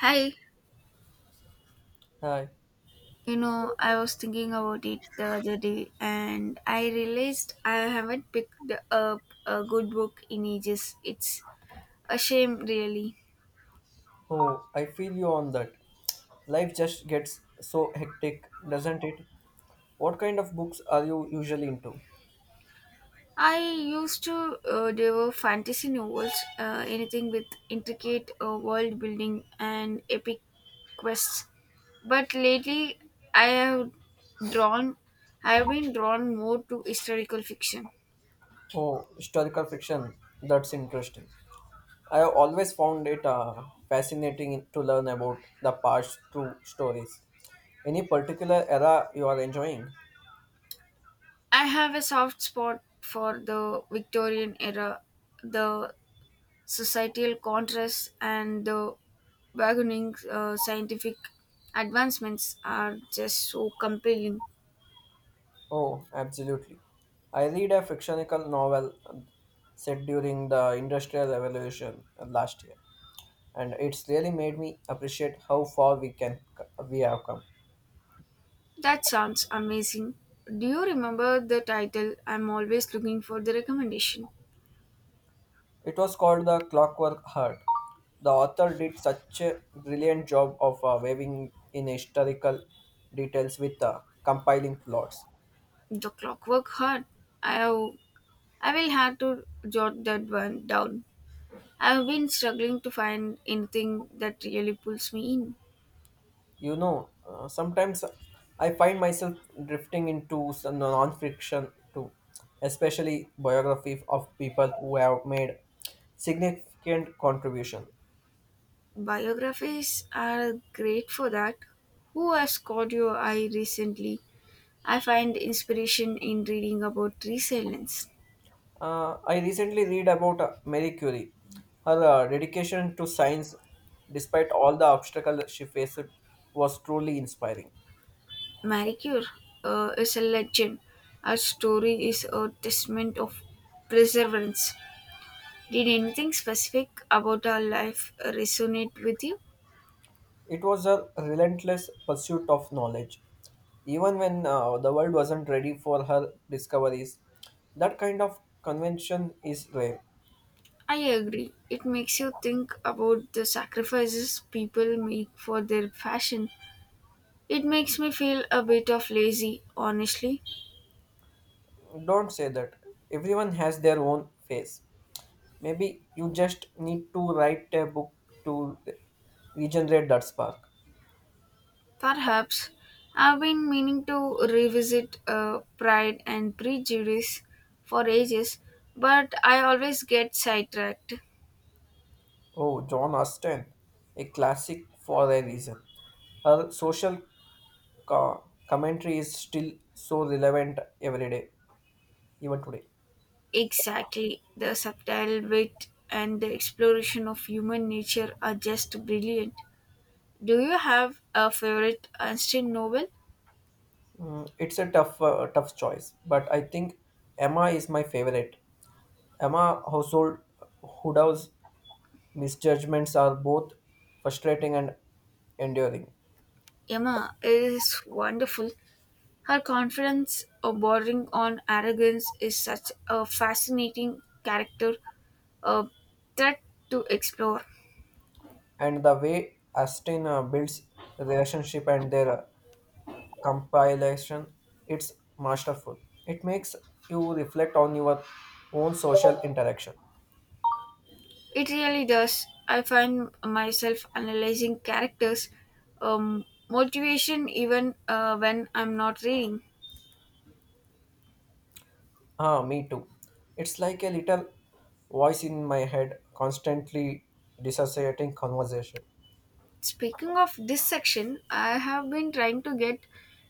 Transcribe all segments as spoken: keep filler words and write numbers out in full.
Hi, Hi. you know, I was thinking about it the other day and I realized I haven't picked up a good book in ages. It's a shame, really. Oh, I feel you on that. Life just gets so hectic, doesn't it? What kind of books are you usually into? I used to uh, devour fantasy novels, uh, anything with intricate uh, world building and epic quests. But lately, I have drawn, I have been drawn more to historical fiction. Oh, historical fiction. That's interesting. I have always found it uh, fascinating to learn about the past through stories. Any particular era you are enjoying? I have a soft spot for the Victorian era, the societal contrasts and the burgeoning uh, scientific advancements are just so compelling. Oh, absolutely. I read a fictional novel uh, set during the Industrial Revolution uh, last year, and it's really made me appreciate how far we can we have come. That sounds amazing. Do you remember the title? I'm always looking for the recommendation. It was called the Clockwork Heart. The author did such a brilliant job of uh, weaving in historical details with uh, compiling plots. The Clockwork Heart. I have- I will have to jot that one down. I've been struggling to find anything that really pulls me in. You know, uh, sometimes I find myself drifting into some non-fiction too, especially biography of people who have made significant contribution. Biographies are great for that. Who has caught your eye recently? I find inspiration in reading about resilience. Uh, I recently read about uh, Marie Curie, her uh, dedication to science, despite all the obstacles she faced, was truly inspiring. Marie Curie uh, is a legend. Her story is a testament of perseverance. Did anything specific about her life resonate with you? It was her relentless pursuit of knowledge, even when uh, the world wasn't ready for her discoveries. That kind of convention is rare. I agree. It makes you think about the sacrifices people make for their fashion. It makes me feel a bit of lazy, honestly. Don't say that. Everyone has their own phase. Maybe you just need to write a book to regenerate that spark. Perhaps I've been meaning to revisit uh, Pride and Prejudice for ages, but I always get sidetracked. Oh, John Austen, a classic for a reason. Her social co- commentary is still so relevant every day, even today. Exactly, the subtle wit and the exploration of human nature are just brilliant. Do you have a favorite Einstein novel? Mm, it's a tough, uh, tough choice, but I think Emma is my favorite. Emma Household Hoodow's misjudgments are both frustrating and enduring, Emma is wonderful. Her confidence, uh, bordering on arrogance, is such a fascinating character, a threat to explore. and the way Austen uh, builds relationship and their compilation, it's masterful. It makes you reflect on your own social interaction. It really does. I find myself analyzing characters, um, motivation, even uh, when I'm not reading. Ah, me too. It's like a little voice in my head constantly dissociating conversation. Speaking of this section, I have been trying to get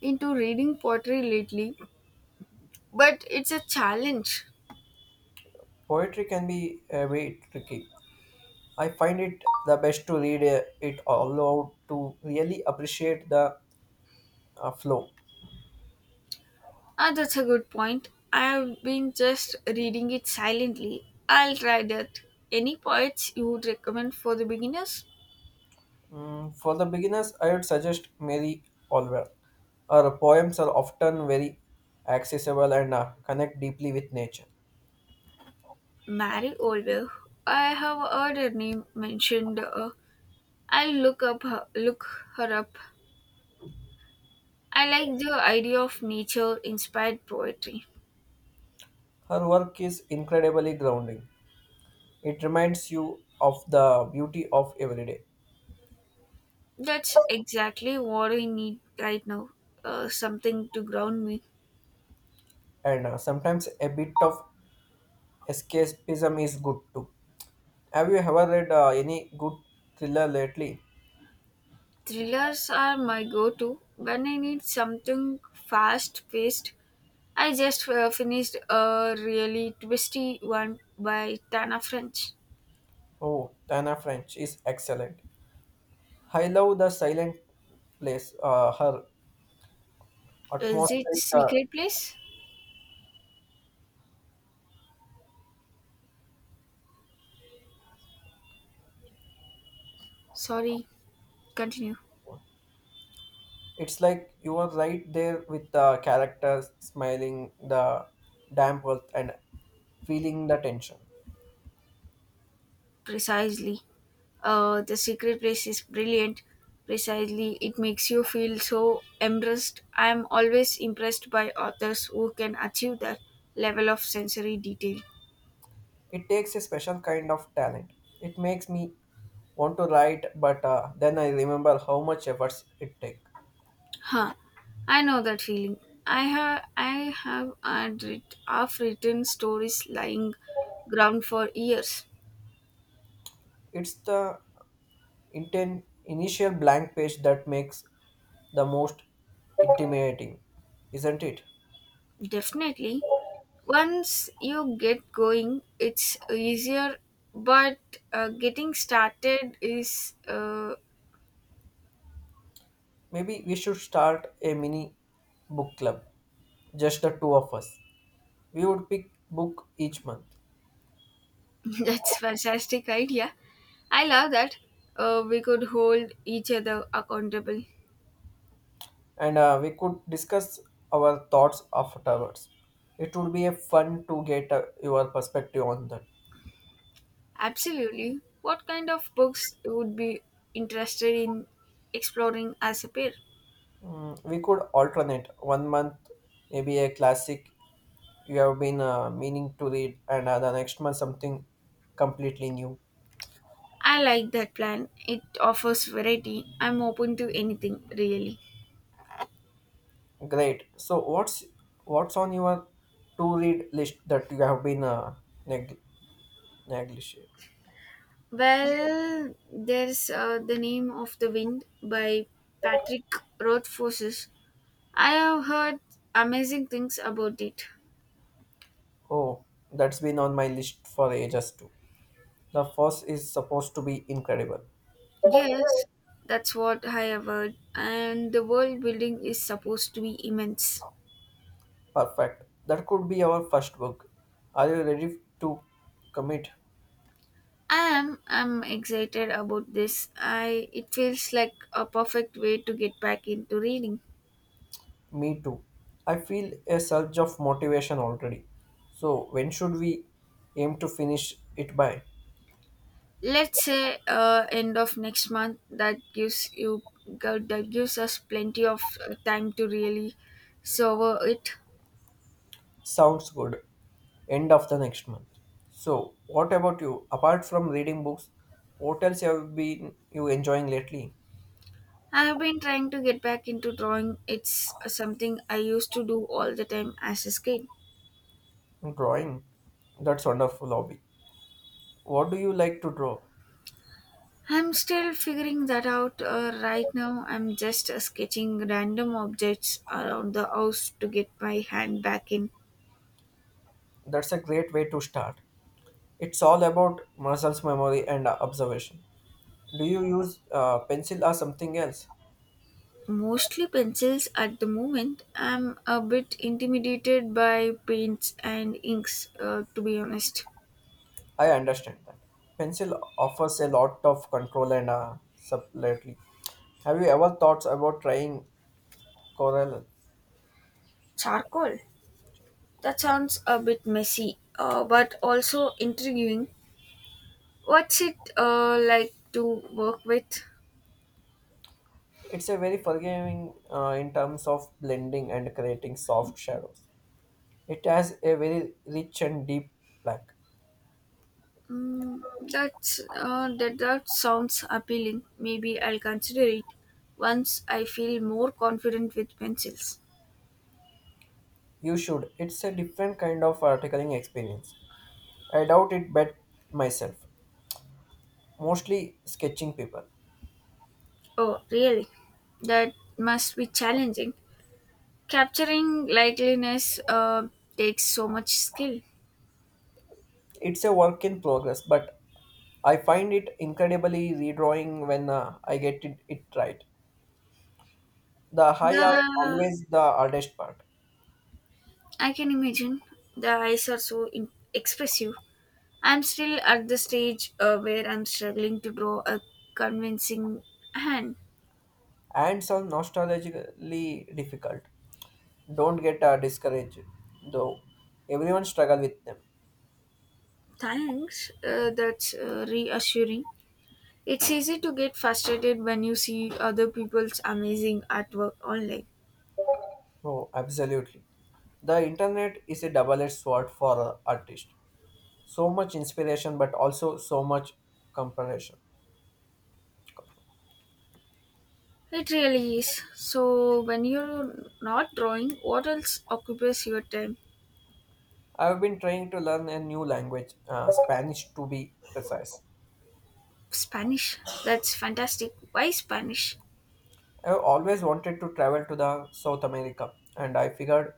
into reading poetry lately, but it's a challenge. Poetry can be a bit tricky. I find it the best to read uh, it aloud to really appreciate the uh, flow. Ah, that's a good point. I've been just reading it silently. I'll try that. Any poets you would recommend for the beginners? Mm, for the beginners, I would suggest Mary Oliver. Her poems are often very accessible and uh, connect deeply with nature. Mary Oliver. I have heard her name mentioned. Uh, I'll look up her, look her up. I like the idea of nature inspired poetry. Her work is incredibly grounding. It reminds you of the beauty of everyday, That's exactly what I need right now. Uh, something to ground me. and uh, sometimes a bit of escapism is good too. Have you ever read uh, any good thriller lately? Thrillers are my go to when I need something fast paced. I just uh, finished a really twisty one by Tana French. Oh, Tana French is excellent. I love the silent place, uh, her Is it atmospheric uh, Secret Place? Sorry, continue. It's like you are right there with the characters, smiling the damp earth and feeling the tension. Precisely, uh, the secret place is brilliant. Precisely, it makes you feel so embraced. I am always impressed by authors who can achieve that level of sensory detail. It takes a special kind of talent. It makes me want to write, but uh, then I remember how much efforts it take. Huh, I know that feeling. I have i have had writ- half written stories lying ground for years. It's the inten- initial blank page that makes the most intimidating, isn't it? Definitely, once you get going it's easier, but uh, getting started is uh, Maybe we should start a mini book club, just the two of us. We would pick book each month, that's fantastic idea. I love that. Uh, we could hold each other accountable. and uh, we could discuss our thoughts afterwards. It would be a fun to get uh, your perspective on that. Absolutely. What kind of books you would be interested in exploring as a pair? Mm, we could alternate one month, maybe a classic you have been uh, meaning to read, and uh, the next month something completely new. I like that plan. It offers variety. I'm open to anything really. Great. So what's what's on your to read list that you have been uh, neg- negligent? Well, there's uh, The Name of the Wind by Patrick Rothfuss. I have heard amazing things about it. Oh, that's been on my list for ages too. The first is supposed to be incredible. Yes, that's what I have heard, and the world building is supposed to be immense. Perfect. That could be our first book. Are you ready to commit? I am I'm excited about this. I it feels like a perfect way to get back into reading. Me too. I feel a surge of motivation already. So, when should we aim to finish it by? Let's say uh, end of next month, that gives you gu- that gives us plenty of uh, time to really savor it. Sounds good. End of the next month. So, what about you? Apart from reading books, what else have been you enjoying lately? I have been trying to get back into drawing. It's uh, something I used to do all the time as a kid. Drawing. That's wonderful hobby. What do you like to draw? I'm still figuring that out uh, right now. I'm just uh, sketching random objects around the house to get my hand back in. That's a great way to start. It's all about muscles memory and observation. Do you use uh, pencil or something else? Mostly pencils at the moment. I'm a bit intimidated by paints and inks, uh, to be honest. I understand that. Pencil offers a lot of control and uh, subtlety. Have you ever thought about trying Corel? Charcoal? That sounds a bit messy, uh, but also intriguing. What's it uh, like to work with? It's a very forgiving uh, in terms of blending and creating soft shadows. It has a very rich and deep black. Mm, that's, uh, that, that sounds appealing. Maybe I'll consider it once I feel more confident with pencils. You should. It's a different kind of articling experience. I doubt it but myself. Mostly sketching people. Oh, really? That must be challenging. Capturing likeliness uh, takes so much skill. It's a work in progress, but I find it incredibly redrawing when uh, I get it, it right. The high are The always the hardest part, I can imagine the eyes are so in- expressive. I'm still at the stage uh, where I'm struggling to draw a convincing hand. and some nostalgically difficult. Don't get uh, discouraged, though. Everyone struggle with them. Thanks. Uh, that's uh, reassuring. It's easy to get frustrated when you see other people's amazing artwork online. Oh, absolutely. The internet is a double-edged sword for an artist. So much inspiration, but also so much comparison. It really is. So, when you're not drawing, what else occupies your time? I've been trying to learn a new language, uh, Spanish to be precise. Spanish. That's fantastic. Why Spanish? I always wanted to travel to the South America, and I figured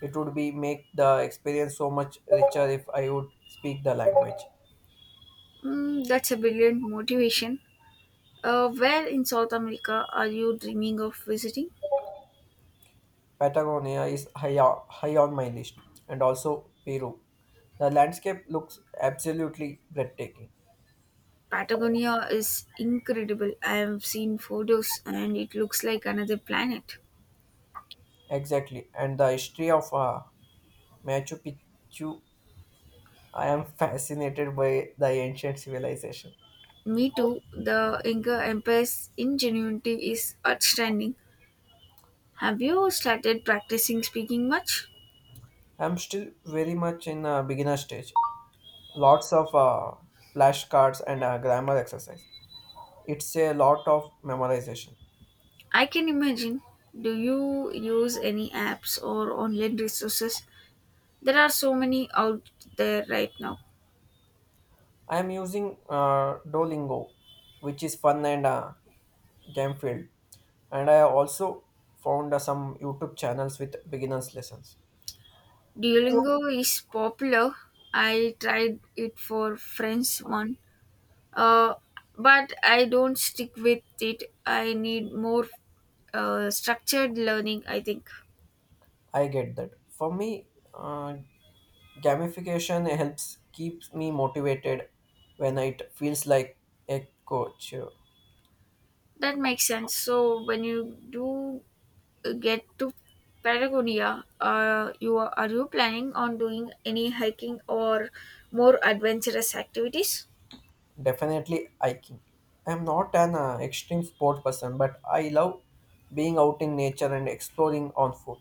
it would be make the experience so much richer if I would speak the language. Mm, that's a brilliant motivation. Uh, where in South America are you dreaming of visiting? Patagonia is high, o- high on my list, and also Peru. The landscape looks absolutely breathtaking. Patagonia is incredible. I have seen photos and it looks like another planet. Exactly, and the history of uh, Machu Picchu, I am fascinated by the ancient civilization. Me too. The Inca Empire's ingenuity is outstanding. Have you started practicing speaking much? I'm still very much in a beginner stage. Lots of uh, flashcards and uh, grammar exercise. It's a lot of memorization. I can imagine. Do you use any apps or online resources? There are so many out there right now. I am using uh, Duolingo, which is fun and uh, game filled, and I also found uh, some YouTube channels with beginners lessons. Duolingo is popular. I tried it for French one, uh, but I don't stick with it. I need more uh, structured learning, I think. I get that. For me, uh, gamification helps keeps me motivated when it feels like a coach. That makes sense. So, when you do get to Patagonia, uh, you are, are you planning on doing any hiking or more adventurous activities? Definitely hiking. I'm not an uh, extreme sport person, but I love being out in nature and exploring on foot.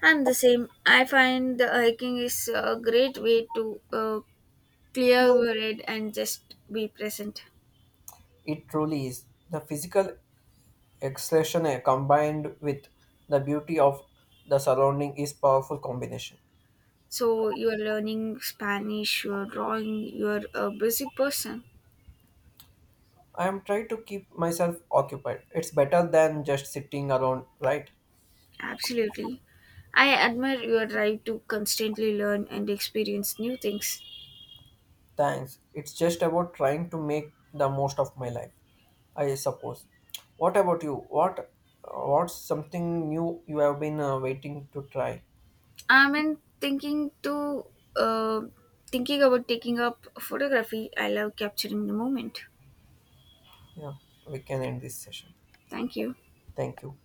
And the same, I find the hiking is a great way to uh, clear your head and just be present. It truly is. The physical expression eh, combined with the beauty of the surrounding is powerful combination. So you are learning Spanish, you are drawing, you are a busy person. I am trying to keep myself occupied. It's better than just sitting around, right? Absolutely. I admire your drive to constantly learn and experience new things. Thanks. It's just about trying to make the most of my life, I suppose. What about you? What what's something new you have been uh, waiting to try? I'm in thinking to uh, thinking about taking up photography. I love capturing the moment. Yeah, we can end this session. Thank you. Thank you.